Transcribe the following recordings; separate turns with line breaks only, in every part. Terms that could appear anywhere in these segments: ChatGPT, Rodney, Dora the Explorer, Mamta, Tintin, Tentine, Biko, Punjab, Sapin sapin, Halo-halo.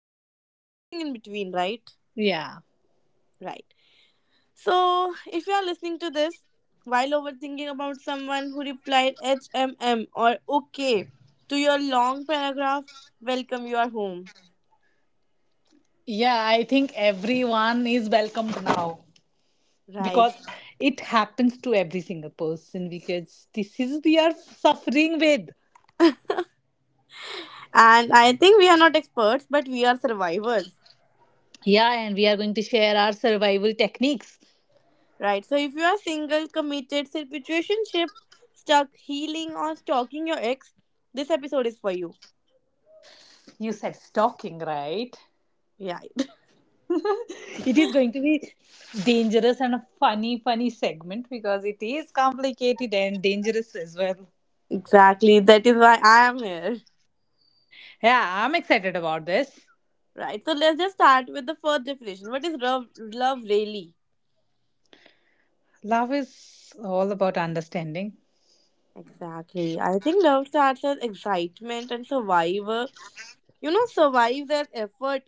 and everything in between, right?
Yeah.
Right. So, if you are listening to this while overthinking about someone who replied HMM or OK to your long paragraph, welcome, you are home.
Yeah, I think everyone is welcomed now
Right.
because it happens to every single person because this is we are suffering with.
And I think we are not experts, but we are survivors.
Yeah, and we are going to share our survival techniques.
Right. So if you are single, committed, situationship, stuck, healing, or stalking your ex, this episode is for you.
You said stalking, right?
Yeah.
It is going to be dangerous and a funny, funny segment because it is complicated and dangerous as well.
Exactly. That is why I am here.
Yeah, I'm excited about this.
Right. So let's just start with the first definition. What is love really?
Love is all about understanding.
Exactly. I think love starts as excitement and survivor. You know, survives as effort.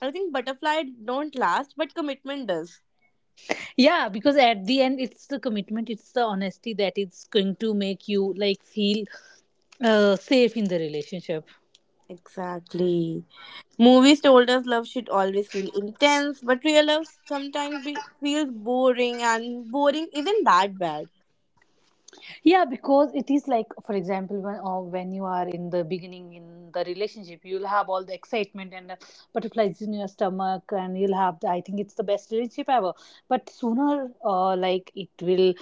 I think butterfly don't last, but commitment does.
Yeah, because at the end, it's the commitment, it's the honesty that is going to make you like feel safe in the relationship.
Exactly. Movies told us love should always feel intense, but real love sometimes feels boring, and boring isn't that bad.
Yeah, because it is like, for example, when, or when you are in the beginning in the relationship, you'll have all the excitement and butterflies in your stomach, and you'll have the, I think it's the best relationship ever. But sooner, like it will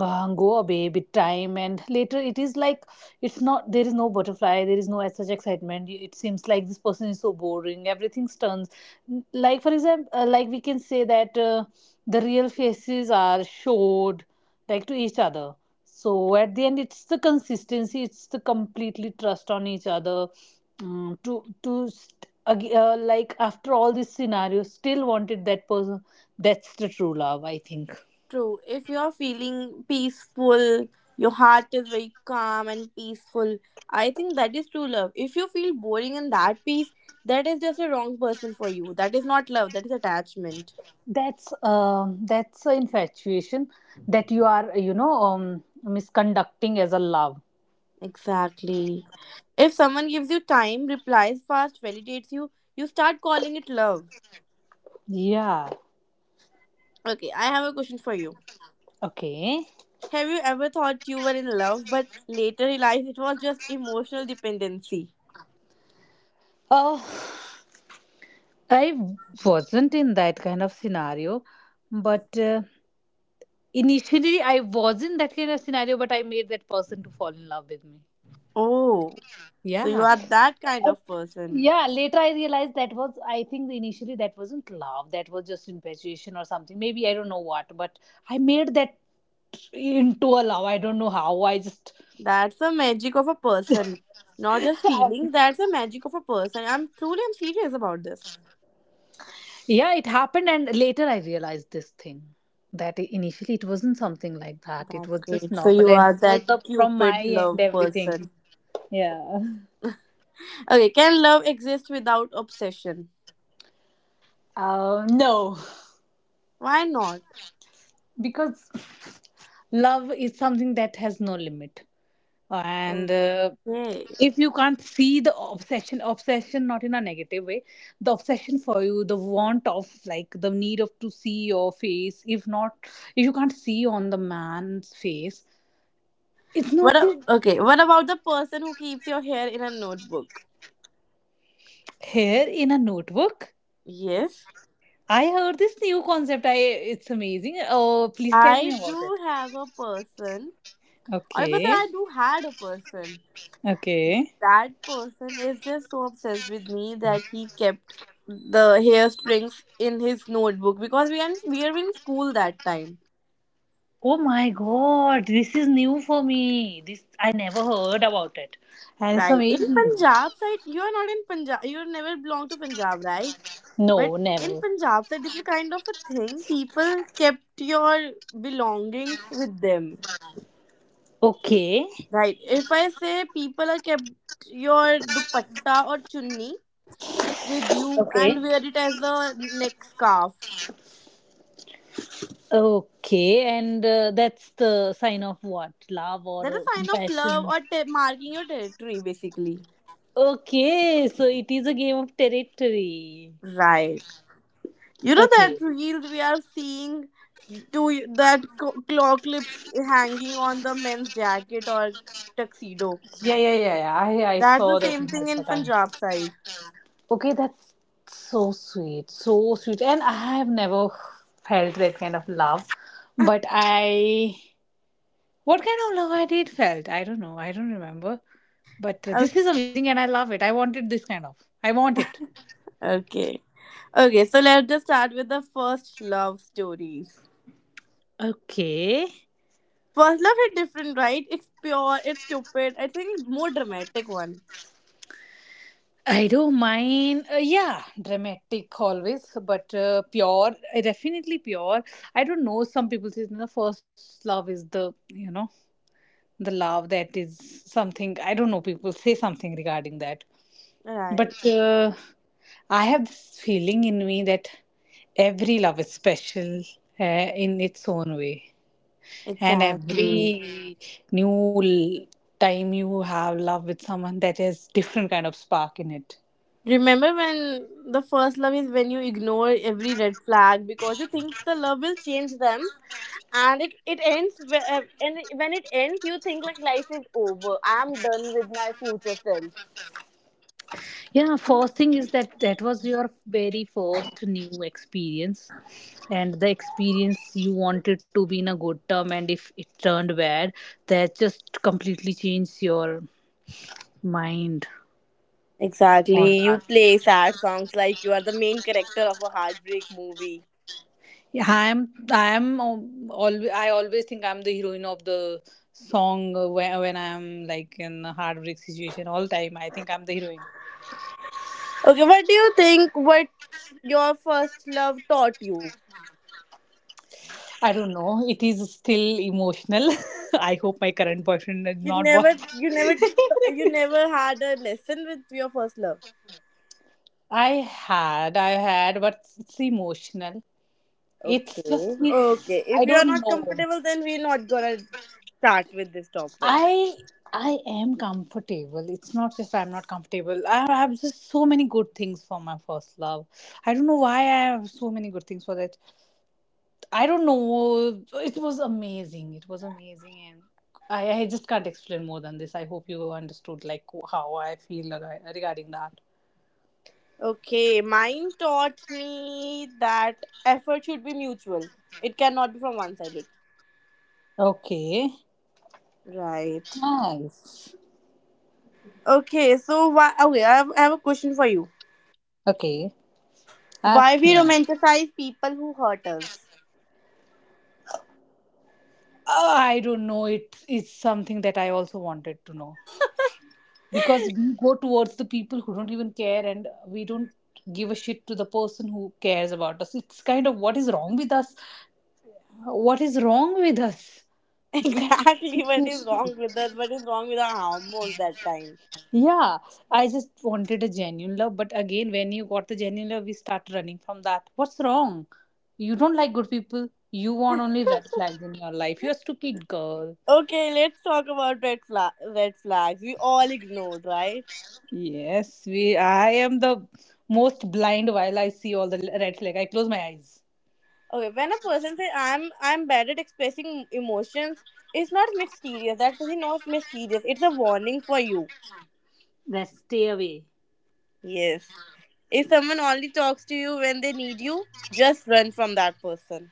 go away with time, and later it is like it's not, there is no butterfly, there is no such excitement, it seems like this person is so boring, everything turns, like for example, like we can say that, the real faces are showed like to each other. So at the end, it's the consistency, it's the completely trust on each other, to like after all this scenario still wanted that person. That's the true love, I think.
True, if you're feeling peaceful, your heart is very calm and peaceful, I think that is true love. If you feel boring in that peace, that is just a wrong person for you. That is not love, that is attachment.
That's that's an infatuation that you are, you know, misconducting as a love.
Exactly. If someone gives you time, replies fast, validates you, you start calling it love.
Yeah.
Okay, I have a question for you.
Okay.
Have you ever thought you were in love but later realized it was just emotional dependency?
uh I wasn't in that kind of scenario, but initially, I was not that kind of scenario, but I made that person to fall in love with me.
Oh, so you
Yeah.
are that kind
And,
of person.
yeah, later I realized that was, I think initially that wasn't love, that was just infatuation or something. Maybe I don't know what, but I made that into a love. I don't know how. I just,
That's the magic of a person. Not just feelings, that's the magic of a person. I'm truly, I'm serious about this.
yeah, it happened. And later I realized this thing that initially it wasn't something like that. It
That's
was just
great. So
normal
you
and
are
it was
that
the, from my
cupid
end,
love
everything.
person.
Yeah.
Okay, can love exist without obsession?
No.
Why not?
Because love is something that has no limit, and
Okay.
if you can't see the obsession, obsession not in a negative way, the obsession for you, the want of, like the need of to see your face, if not, if you can't see on the man's face, it's not.
What about the person who keeps your hair in a notebook?
Here in a notebook.
Yes.
I heard this new concept, I, it's amazing. Oh, please tell me
I
about
do
it.
have a person, or if I say
Okay.
I do had a person,
Okay.
that person is just so obsessed with me that he kept the hair strings in his notebook because we are in school that time,
Oh my god, this is new for me. This I never heard about it. And it's
right? In
amazing.
Punjab side, you are not in Punjab. You never belong to Punjab, right? But
No,
in
never.
Punjab side, this is kind of a thing. People kept your belongings with them,
Okay.
right? If I say people are kept your dupatta or chunni with you and wear it as a neck scarf.
Okay, and that's the sign of what? Love
That is
or
a sign of love
compassion.
or marking your territory, basically.
Okay, so it is a game of territory.
Right. You know
Okay.
that reels we are seeing to that claw clips hanging on the men's jacket or tuxedo.
Yeah, yeah, yeah, yeah. I
That's the
saw that
same thing
multiple
in
times.
Punjab side.
Okay, that's so sweet, so sweet. And I have never felt that kind of love, but I, what kind of love I did felt? I don't know. I don't remember. But
Okay.
this is amazing and I love it. I wanted this kind of. I want it.
Okay. Okay, so let's just start with the first love stories.
Okay.
First love is different, right? It's pure, it's stupid. I think more dramatic one.
I don't mind. Yeah, dramatic always, but pure, definitely pure. I don't know. Some people say the first love is the, you know, the love that is something. I don't know. People say something regarding that.
Right.
But I have this feeling in me that every love is special, in its own way. And
Exactly.
every new l- time you have love with someone, that has different kind of spark in it.
Remember when the first love is when you ignore every red flag because you think the love will change them and it ends and when it ends you think like life is over. I'm done with my future self.
Yeah, first thing is that that was your very first new experience, and the experience you wanted to be in a good term, and if it turned bad, that just completely changed your mind on
Exactly, you
that.
play sad songs like you are the main character of a heartbreak movie.
Yeah, I'm always, I always think I'm the heroine of the song, when I'm like in a heartbreak situation all time. I think I'm the heroine.
Okay, what do you think, what your first love taught you?
I don't know. It is still emotional. I hope my current boyfriend did
you
not
never
watch.
you never you never had a lesson with your first love?
I I had, but it's emotional. It's
Okay.
just me.
Okay. If
I
you are
don't
not
know.
comfortable, then we're not gonna start with this topic.
I I am comfortable. It's not just I'm not comfortable. I have just so many good things for my first love. I don't know why I have so many good things for that. I don't know. It was amazing. It was amazing, and I just can't explain more than this. I hope you understood like how I feel regarding that.
Okay. Mine taught me that effort should be mutual. It cannot be from one sided.
Okay.
Right.
Nice.
Okay. So why? Okay. I have a question for you.
Okay.
Why
Ask
we
me.
romanticize people who hurt us?
I don't know. It is something that I also wanted to know. Because we go towards the people who don't even care, and we don't give a shit to the person who cares about us. It's kind of, what is wrong with us? What is wrong with us? It's kind of,
Exactly. What is wrong with us? What is wrong with our hormones that time?
yeah, I just wanted a genuine love, but again, when you got the genuine love, we start running from that. What's wrong? You don't like good people, you want only red flags in your life, you're a stupid girl.
Okay. Let's talk about red flag. Red flags. We all ignored, right?
Yes, we, I am the most blind. While I see all the red flag, I close my eyes.
Okay, when a person says I'm bad at expressing emotions, it's not mysterious. That person knows mysterious. It's a warning for you.
That stay away.
Yes. If someone only talks to you when they need you, just run from that person.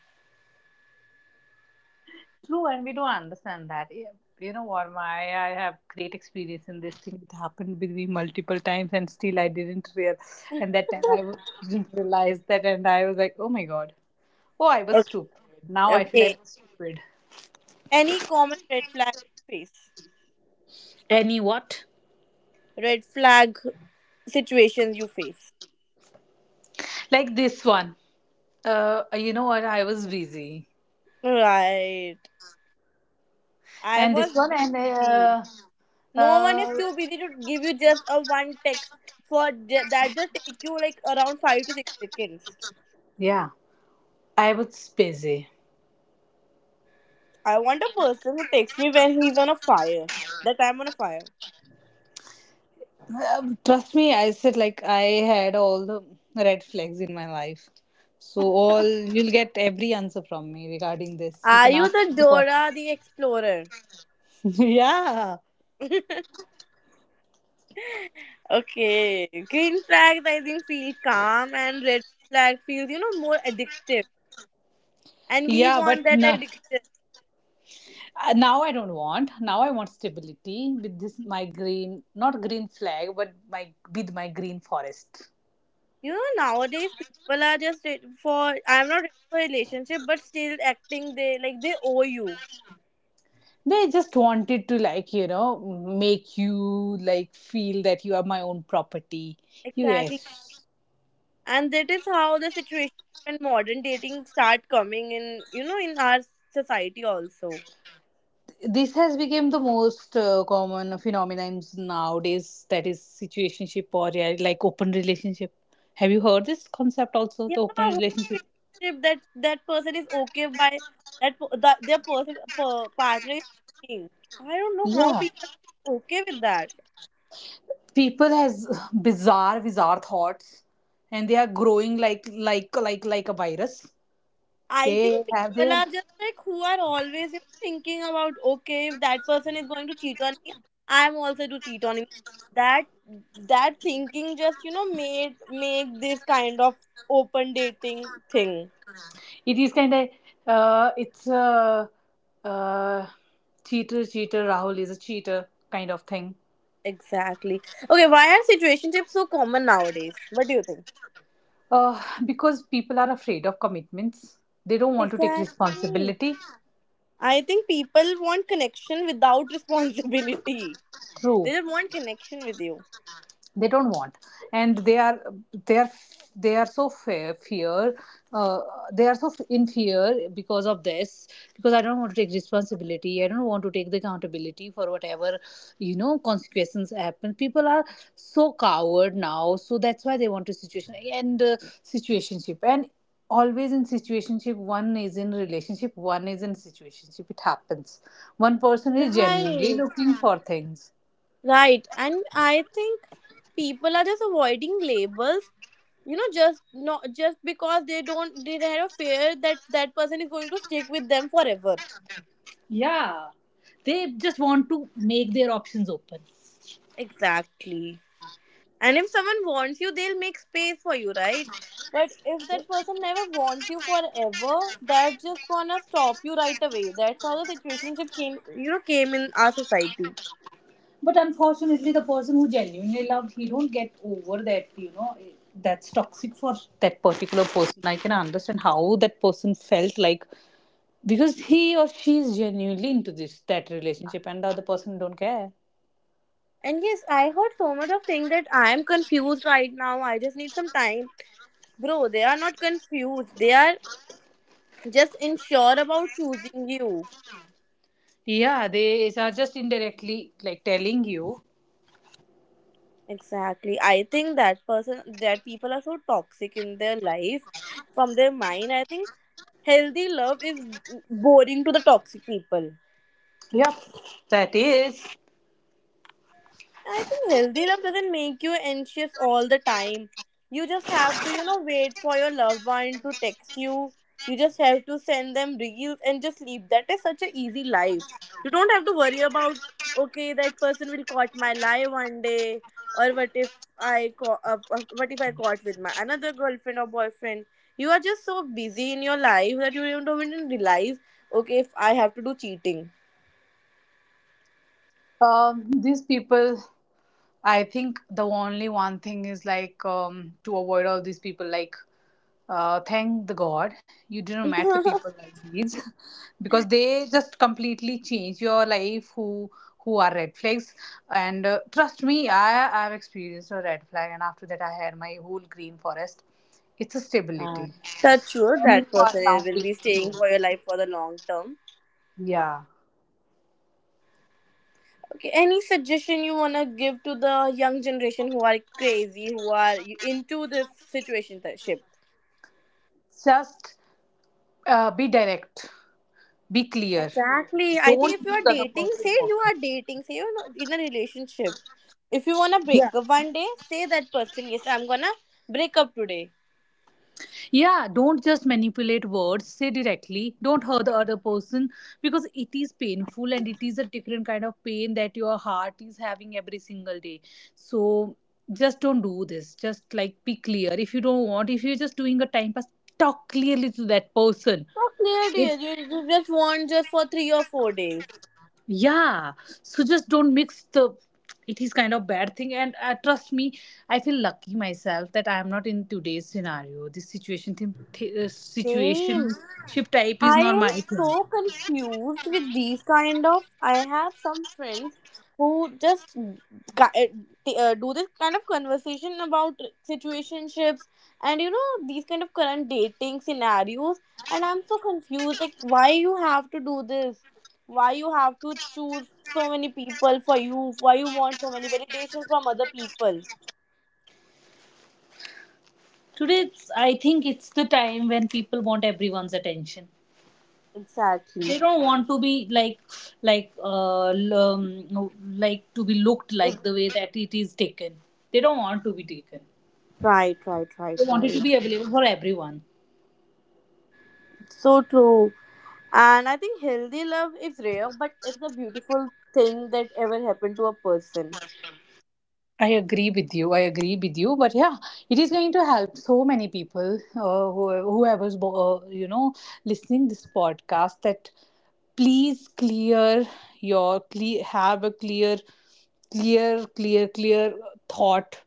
True, and we don't understand that. Yeah, you know what, my, I have great experience in this thing. It happened with me multiple times, and still I didn't real. And that time I was, didn't realize that, and I was like, oh my god, oh I was
Okay.
stupid. Now I feel I
Okay.
was stupid.
Any common red flag you face?
Any what?
Red flag situations you face.
Like this one, you know what? I was busy,
Right. I
and
was
this one, and
busy. No one is
uh,
too busy to give you just a one text for that just take you like around 5 to 6 seconds.
yeah, I was busy.
I want a person who texts me when he's on a fire. That I'm on a fire.
Trust me, I said like I had all the red flags in my life. So all you'll get every answer from me regarding this. You
Are
can
you
ask
the
any question.
Dora the Explorer?
Yeah.
Okay. Green flags, I think, feel calm, and red flag feels, you know, more addictive. And we
Yeah,
want
but
that
now,
addiction.
now I don't want. Now I want stability with this my green, not green flag, but my with my green forest.
You know, nowadays people are just ready for. I'm not ready for a relationship, but still acting they like they owe you
They just wanted to, like, you know, make you like feel that you are my own property. You,
exactly.
yes.
And that is how the situation and modern dating start coming in. You know, in our society also.
This has become the most common phenomenon nowadays, that is situationship, or yeah, like open relationship. Have you heard this concept also,
Yeah,
the open
open
relationship?
relationship, that that person is okay by their partner is cheating. I don't know how
Yeah.
people are okay with that.
People has bizarre, bizarre thoughts, and they are growing like, like a virus.
I think
They have
people
their,
are just like who are always, you know, thinking about okay, if that person is going to cheat on me, I'm also to cheat on him. That that thinking just, you know, made make this kind of open dating thing.
it is kind of, it's a, uh, cheater, cheater Rahul is a cheater kind of thing.
Exactly. Okay, why are situationships so common nowadays, what do you think?
Uh, because people are afraid of commitments, they don't want to take
Exactly.
responsibility.
I think people want connection without responsibility. They
True.
don't want connection with you.
They don't want, and they are they are so fear, fear, uh, they are so in fear because of this. Because I don't want to take responsibility, I don't want to take the accountability for whatever, you know, consequences happen. People are so coward now, so that's why they want to situation, and situationship, and always in situationship, one is in relationship, one is in situationship, it happens. One person is genuinely
Right.
looking for things.
Right. And I think people are just avoiding labels. You know, just not just because they don't they have a fear that that person is going to stick with them forever.
Yeah, they just want to make their options open.
Exactly. And if someone wants you, they'll make space for you, right? But if that person never wants you forever, that's just gonna stop you right away. That's how the situationship came, you know, came in our society.
But unfortunately, the person who genuinely loved, he don't get over that. You know, that's toxic for that particular person. I can understand how that person felt like, because he or she is genuinely into this that relationship, and the other person don't care.
And yes, I heard so much of things that I am confused right now. I just need some time. Bro, they are not confused. They are just unsure about choosing you.
Yeah, they are just indirectly like telling you.
Exactly. I think that person that people are so toxic in their life from their mind. I think healthy love is boring to the toxic people.
Yep, that is.
I think healthy love doesn't make you anxious all the time. You just have to, you know, wait for your loved one to text you. You just have to send them reels and just leave. That is such an easy life. You don't have to worry about, okay, that person will caught my lie one day, or what if I caught, what if I caught with my another girlfriend or boyfriend. You are just so busy in your life that you don't even realize, okay, if I have to do cheating.
These people, I think the only one thing is like, to avoid all these people. Like, thank the God you didn't met the people like these, because they just completely change your life. Who are red flags? And trust me, I've experienced a red flag, and after that, I had my whole green forest. It's a
Uh,
stability
that's true.
when you
That
are
person
around
will
with
be staying
people.
for your life for the long term.
Yeah,
Okay. Any suggestion you wanna give to the young generation who are crazy, who are into this situationship?
just be direct, be clear.
Exactly. I
Don't
think if you
use
are
other
dating, say
person's mouth.
you are dating, say you're not in a relationship. If you wanna break up one day, say that person, yes, I'm gonna break up today.
Yeah, don't just manipulate words, say directly. Don't hurt the other person, because it is painful, and it is a different kind of pain that your heart is having every single day. So just don't do this. Just like be clear. If you don't want, if you're just doing a time pass, talk clearly to that person.
So clear, dear.
If,
You just want just for 3 or 4 days.
yeah, so just don't mix the. It is kind of bad thing, and trust me, I feel lucky myself that I am not in today's scenario. This situation, thing, situation
Same.
ship type is
I
not
am
my thing.
so confused with these kind of. I have some friends who just do this kind of conversation about situationships and you know these kind of current dating scenarios, and I'm so confused. Like, why you have to do this? Why you have to choose so many people for you? Why you want so many validation from other people?
Today, it's, I think it's the time when people want everyone's attention.
Exactly.
They don't want to be like, no, like to be looked like the way that it is taken. They don't want to be taken.
Right, right, right,
They want it to
right.
be available for everyone.
So true. And I think healthy love is rare, but it's a beautiful thing that ever happened to a person.
I agree with you. I agree with you. But yeah, it is going to help so many people, who, whoever's listening this podcast. That, please clear your clear have a clear thought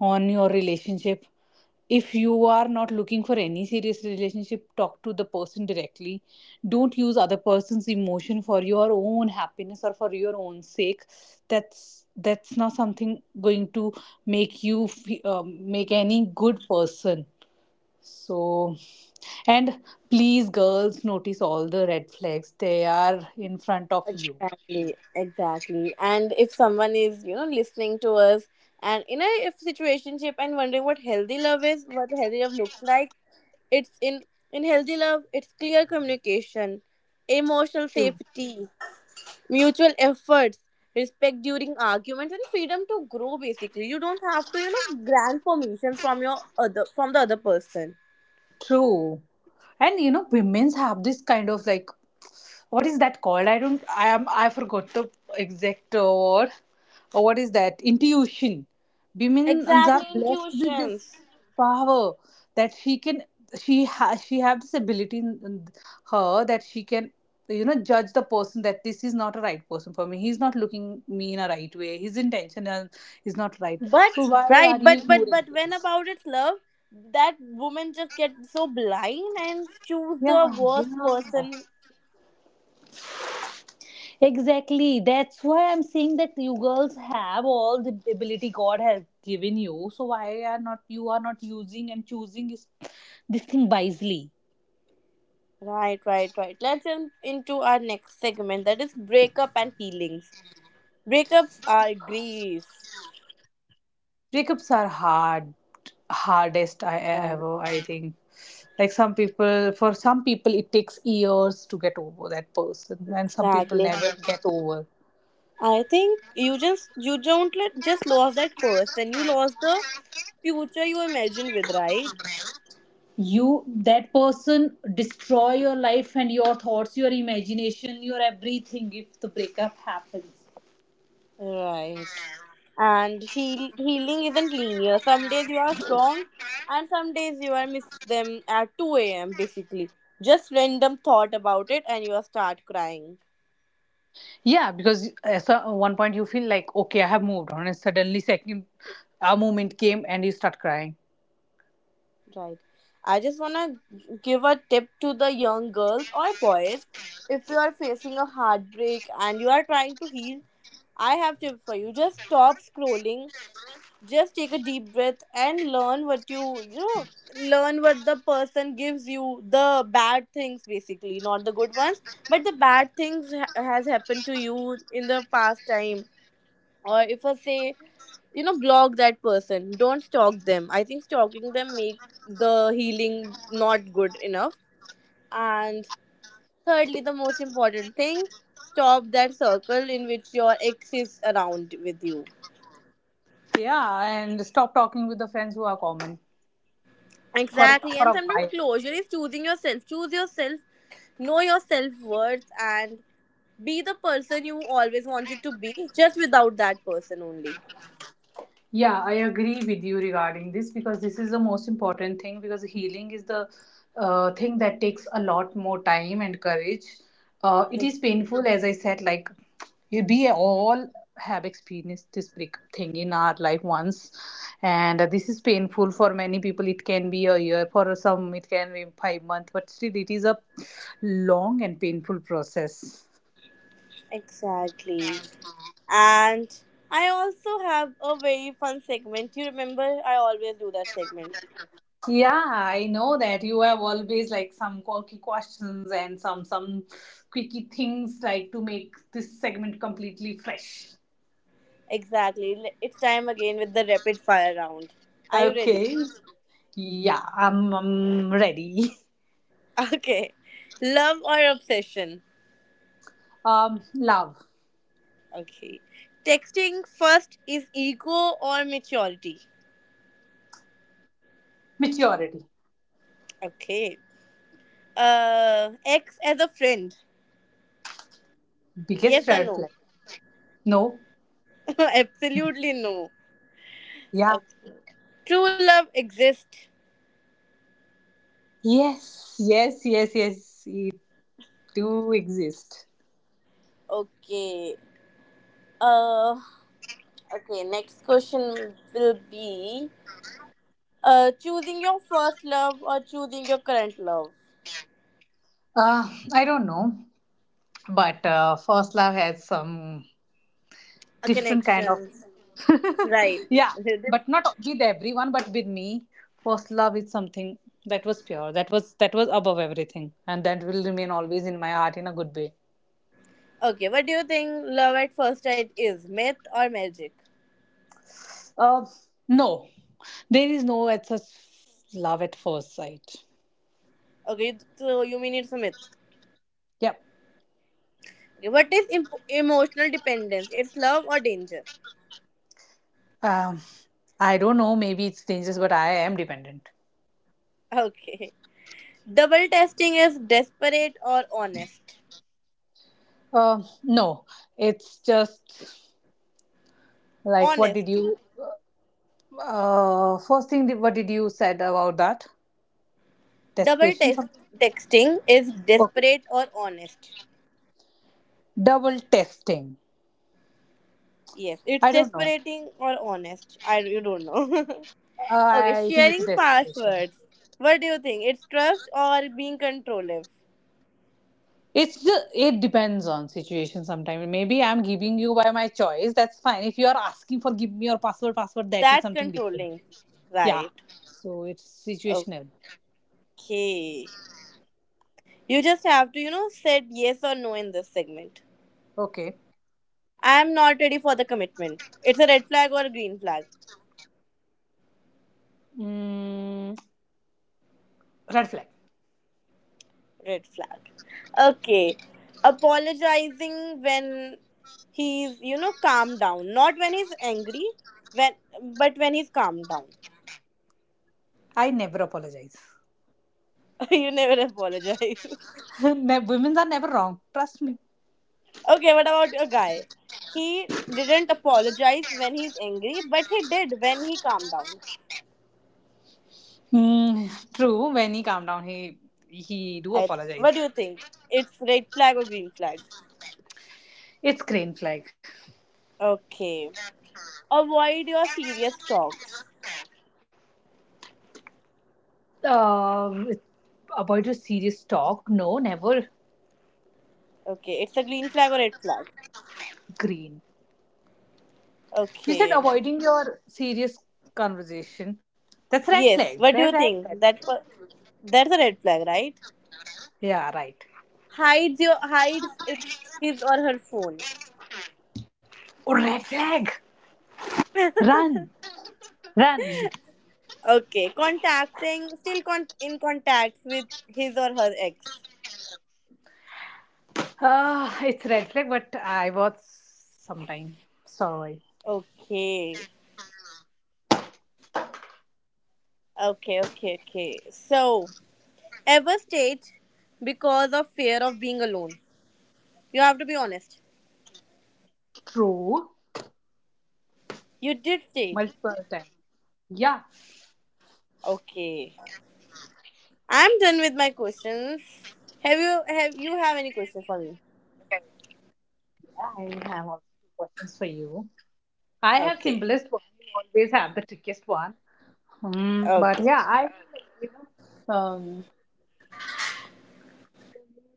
on your relationship. If you are not looking for any serious relationship, talk to the person directly. Don't use other person's emotion for your own happiness or for your own sake. That's not something going to make any good person. So, and please girls, notice all the red flags, they are in front of you.
Exactly, exactly. And if someone is, you know, listening to us and in a if situationship and wondering what healthy love is, what healthy love looks like, it's in healthy love, it's clear communication, emotional safety, mutual efforts, respect during arguments, and freedom to grow. Basically, you don't have to, you know, grant permission from your other from the other person.
True. And you know, women's have this kind of, like, what is that called? I don't i am i forgot the exact word. Or what is that? Intuition. Women are
Exactly,
blessed with this
intuitions.
power that she can she has she have this ability in her, that she can judge the person, that this is not a right person for me, he's not looking me in a right way, his intention is not right. So
But
why are
right,
you
but but
ignoring?
but when about its love, that woman just get so blind and choose the
Yeah,
worst
yeah.
person.
Exactly. That's why I'm saying that you girls have all the ability God has given you. So why are not you are not using and choosing this thing wisely?
Right, right, right. Let's jump into our next segment that is breakup and feelings. Breakups are grief.
Breakups are hard, hardest I
Right,
ever, I think. Like, some people for some people it takes years to get over that person, and some people
exactly.
never get over.
I think you just you don't let, just lost that person. You lost the future you imagined with, right?
You That person destroy your life and your thoughts, your imagination, your everything, if the breakup happens.
Right. And healing isn't linear. Some days you are strong, and some days you are miss them at 2 a.m. basically. Just random thought about it, and you start crying.
Yeah, because at one point you feel like, okay, I have moved on, and suddenly second a moment came and you start crying.
Right. I just want to give a tip to the young girls or boys. If you are facing a heartbreak and you are trying to heal, I have tip for you. Just stop scrolling, just take a deep breath and learn what you know learn what the person gives you, the bad things basically, not the good ones but the bad things has happened to you in the past time. Or if I say, you know, block that person, don't stalk them. I think stalking them make the healing not good enough. And thirdly, the most important thing, stop that circle in which your ex is around with you.
Yeah, and stop talking with the friends who are common, for
Exactly.
for
And
a
sometimes
while.
closure is choosing yourself. Choose yourself, know your self worth, and be the person you always wanted to be, just without that person only.
Yeah, I agree with you regarding this, because this is the most important thing, because healing is the thing that takes a lot more time and courage. It
Ex-
is painful, as I said, like we all have experienced this break thing in our life once, and this is painful for many people. It can be a year, for some, it can be 5 months, but still, it is a long and painful process.
Exactly. And I also have a very fun segment. You remember, I always do that segment.
Yeah, I know that you have always like some quirky questions and some quickie things, like, to make this segment completely fresh.
Exactly. It's time again with the rapid fire round. Are you ready?
Okay. Yeah, I'm ready.
Okay. Love or obsession?
Love,
Okay. Texting first is ego or maturity?
maturity,
Okay. Ex as a friend. Yes
biggest
or
red
no?
flag. No,
Absolutely no.
yeah,
Okay. True love exists.
yes, yes, yes, yes, it do exist.
Okay. Uh, okay. Next question will be choosing your first love or choosing your current love.
I don't know, but first love has some different kind of.
Connections. Right.
Yeah, but not with everyone, but with me, first love is something that was pure, that was above everything, and that will remain always in my heart in a good way.
Okay. What do you think love at first sight is? Myth or magic?
uh no, there is no at such love at first sight.
Okay. So you mean it's a myth.
Yep.
Okay, what is emotional dependence? It's love or danger?
um I don't know, maybe it's dangerous, but I am dependent.
Okay. Double testing is desperate or honest.
No, it's just, like, what did
Honesty.
you, first thing, what did you said about that,
Double
desperation
test
something.
texting is
Okay.
desperate or honest.
Double testing.
Yes, it's
I don't know.
desperating or honest. I, you don't know.
uh,
Okay,
I think it's a
sharing
destination.
passwords. What do you think? It's trust or being controlling?
It's just, it depends on situation. Sometimes, maybe I'm giving you by my choice, that's fine. If you are asking for, give me your password, that is
That's
something different.
controlling.
Yeah,
Right.
so it's situational.
Okay. You just have to, you know, said yes or no in this segment.
Okay.
I am not ready for the commitment. It's a red flag or a green flag.
mm, Red flag.
Red flag. Okay. Apologizing when he's, you know, calmed down. Not when he's angry, when but when he's calmed down.
I never apologize.
You never apologize.
Women are never wrong, trust me.
Okay, what about a guy? He didn't apologize when he's angry, but he did when he calmed down.
True, when he calm down, he do
I,
apologize.
what do you think? It's red flag or green flag?
It's green flag.
Okay. Avoid your serious talks.
Uh, avoid a serious talk. No, never.
Okay, it's a green flag or red flag.
Green. You said
Okay.
avoiding your serious conversation. That's red
Yes.
flag.
What do
Red,
you
red, red.
think? That's a red flag, right?
Yeah, right.
Hides your hides it his or her phone.
Oh, red flag. Run, run.
Okay. Contacting, still in contact with his or her ex.
It's red flag, but I was sometime, sorry.
Okay. Okay, okay, okay. So, ever stayed because of fear of being alone? You have to be honest.
True,
You did stayed.
multiple times. Yeah,
Okay. I'm done with my questions. Have you have you have any question for me?
yeah. I have also two questions for you. I have
Okay.
simplest one. You always have the trickiest one. Hmm, but
Okay.
yeah, you know, um,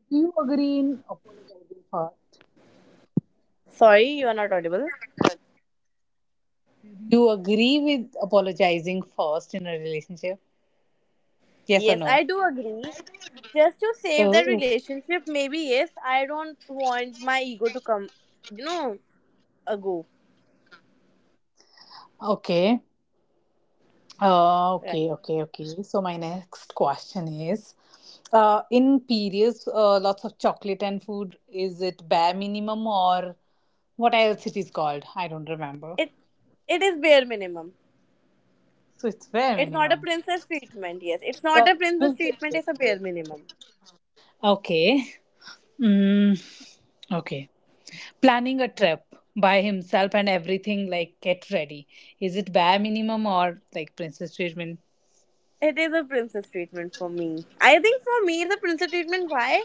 do you agree in apologizing first?
Sorry, you are not audible.
Do you agree with apologizing first in a relationship? Yes or
Yes,
no?
I do agree. Just to save the
Oh,
relationship, maybe yes, I don't want my ego to come, you know, ago.
okay. Uh,
Right.
okay, okay, okay. So my next question is, in periods, lots of chocolate and food. Is it bare minimum or what else it is called? I don't remember.
It it is bare minimum.
So it's bare
It's not a
minimum.
princess treatment, yes. It's not a princess
Okay.
treatment, it's a bare minimum.
Okay. Mm, okay. Planning a trip by himself and everything, like, get ready, is it bare minimum or like princess treatment?
It is a princess treatment for me. I think for me it's a princess treatment. Why?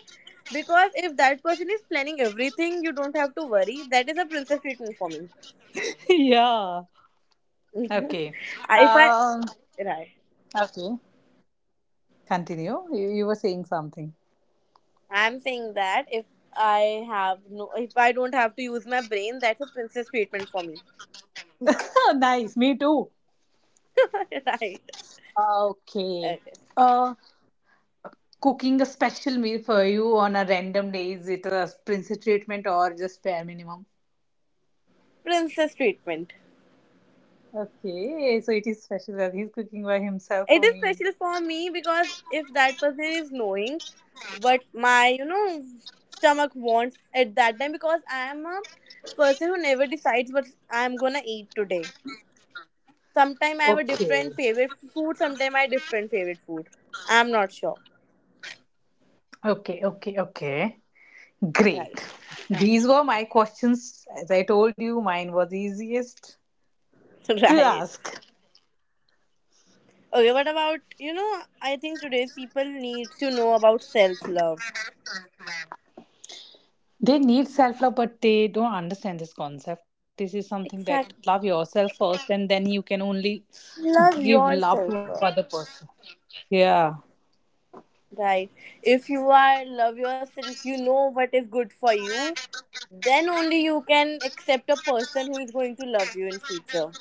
Because if that person is planning everything, you don't have to worry. That is a princess treatment for me.
Yeah, okay.
If I
Um,
right.
okay, continue, you were saying something.
I'm saying that if I don't have to use my brain, that's a princess treatment for me.
Nice, me too.
Right.
Okay.
Okay.
uh Cooking a special meal for you on a random day, is it a princess treatment or just bare minimum?
Princess treatment.
Okay, so it is special that he's cooking by himself
It
for
is
me.
special for me because if that person is knowing what my, you know, stomach wants at that time, because I am a person who never decides what I am gonna eat today. Sometime I have a
Okay,
different favorite food, sometime I have different favorite food. I'm not sure.
okay, okay. Okay. Great.
Right.
These were my questions. As I told you, mine was easiest to
Right.
ask.
Okay, what about, you know, I think today's people need to know about self love.
They need self love, but they don't understand this concept. This is something that,
Exactly.
love yourself first, and then you can only
Love
give
yourself.
love to other person. Yeah,
Right. If you are love yourself, you know what is good for you, then only you can accept a person who is going to love you in future.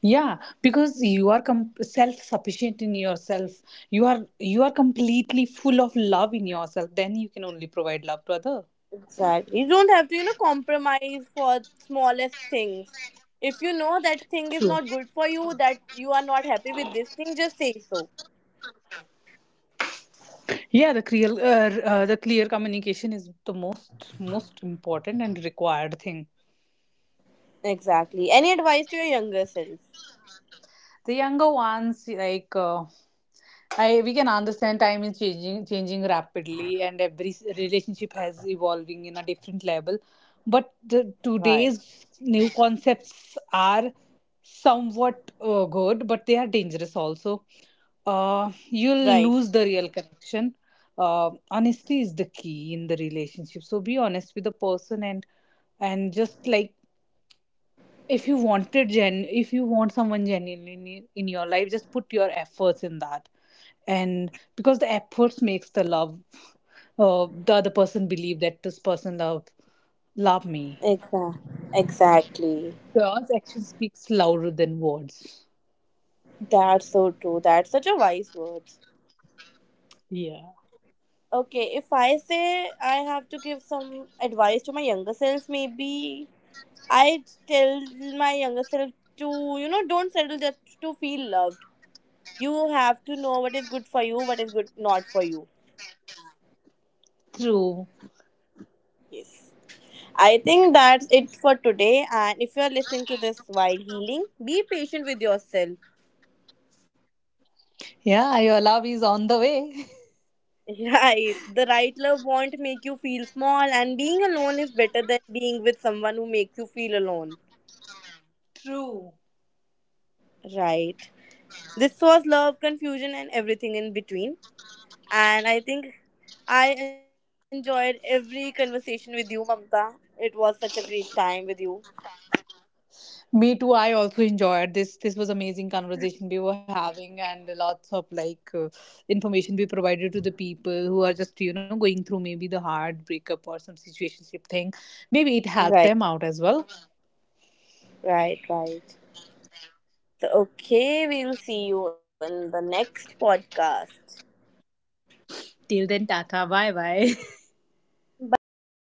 yeah, because you are self sufficient in yourself. You are completely full of love in yourself. Then you can only provide love to other.
Exactly. You don't have to, you know, compromise for smallest things. If you know that thing is
True.
not good for you, that you are not happy with this thing, just say so.
Yeah, the clear communication is the most important and required thing.
Exactly. Any advice to your younger self?
The younger ones, like, I we can understand time is changing rapidly, and every relationship has evolving in a different level, but
Right.
today's new concepts are somewhat good, but they are dangerous also.
Right.
You'll lose the real connection. Honesty is the key in the relationship, so be honest with the person, and just, like, if you want someone genuinely in your life, just put your efforts in that. And because the efforts makes the love, the other person believe that this person love me.
Exactly. Exactly.
Girls, action speaks louder than words.
That's so true. That's such a wise word.
Yeah.
Okay, if I say I have to give some advice to my younger self, maybe I tell my younger self to, you know, don't settle just to feel loved. You have to know what is good for you, what is good not for you.
True.
Yes. I think that's it for today. And if you're listening to this while healing, be patient with yourself.
Yeah, your love is on the way.
Right. The right love won't make you feel small, and being alone is better than being with someone who makes you feel alone.
True,
Right. This was love, confusion, and everything in between. And I think I enjoyed every conversation with you, Mamta. It was such a great time with you.
me too. I also enjoyed this. This was amazing conversation we were having, and lots of, like, information we provided to the people who are just, going through maybe the hard breakup or some situationship thing. Maybe it helped
Right,
them out as well.
right, right. So, okay, we'll see you in the next podcast.
Till then, tata, bye bye.
Bye.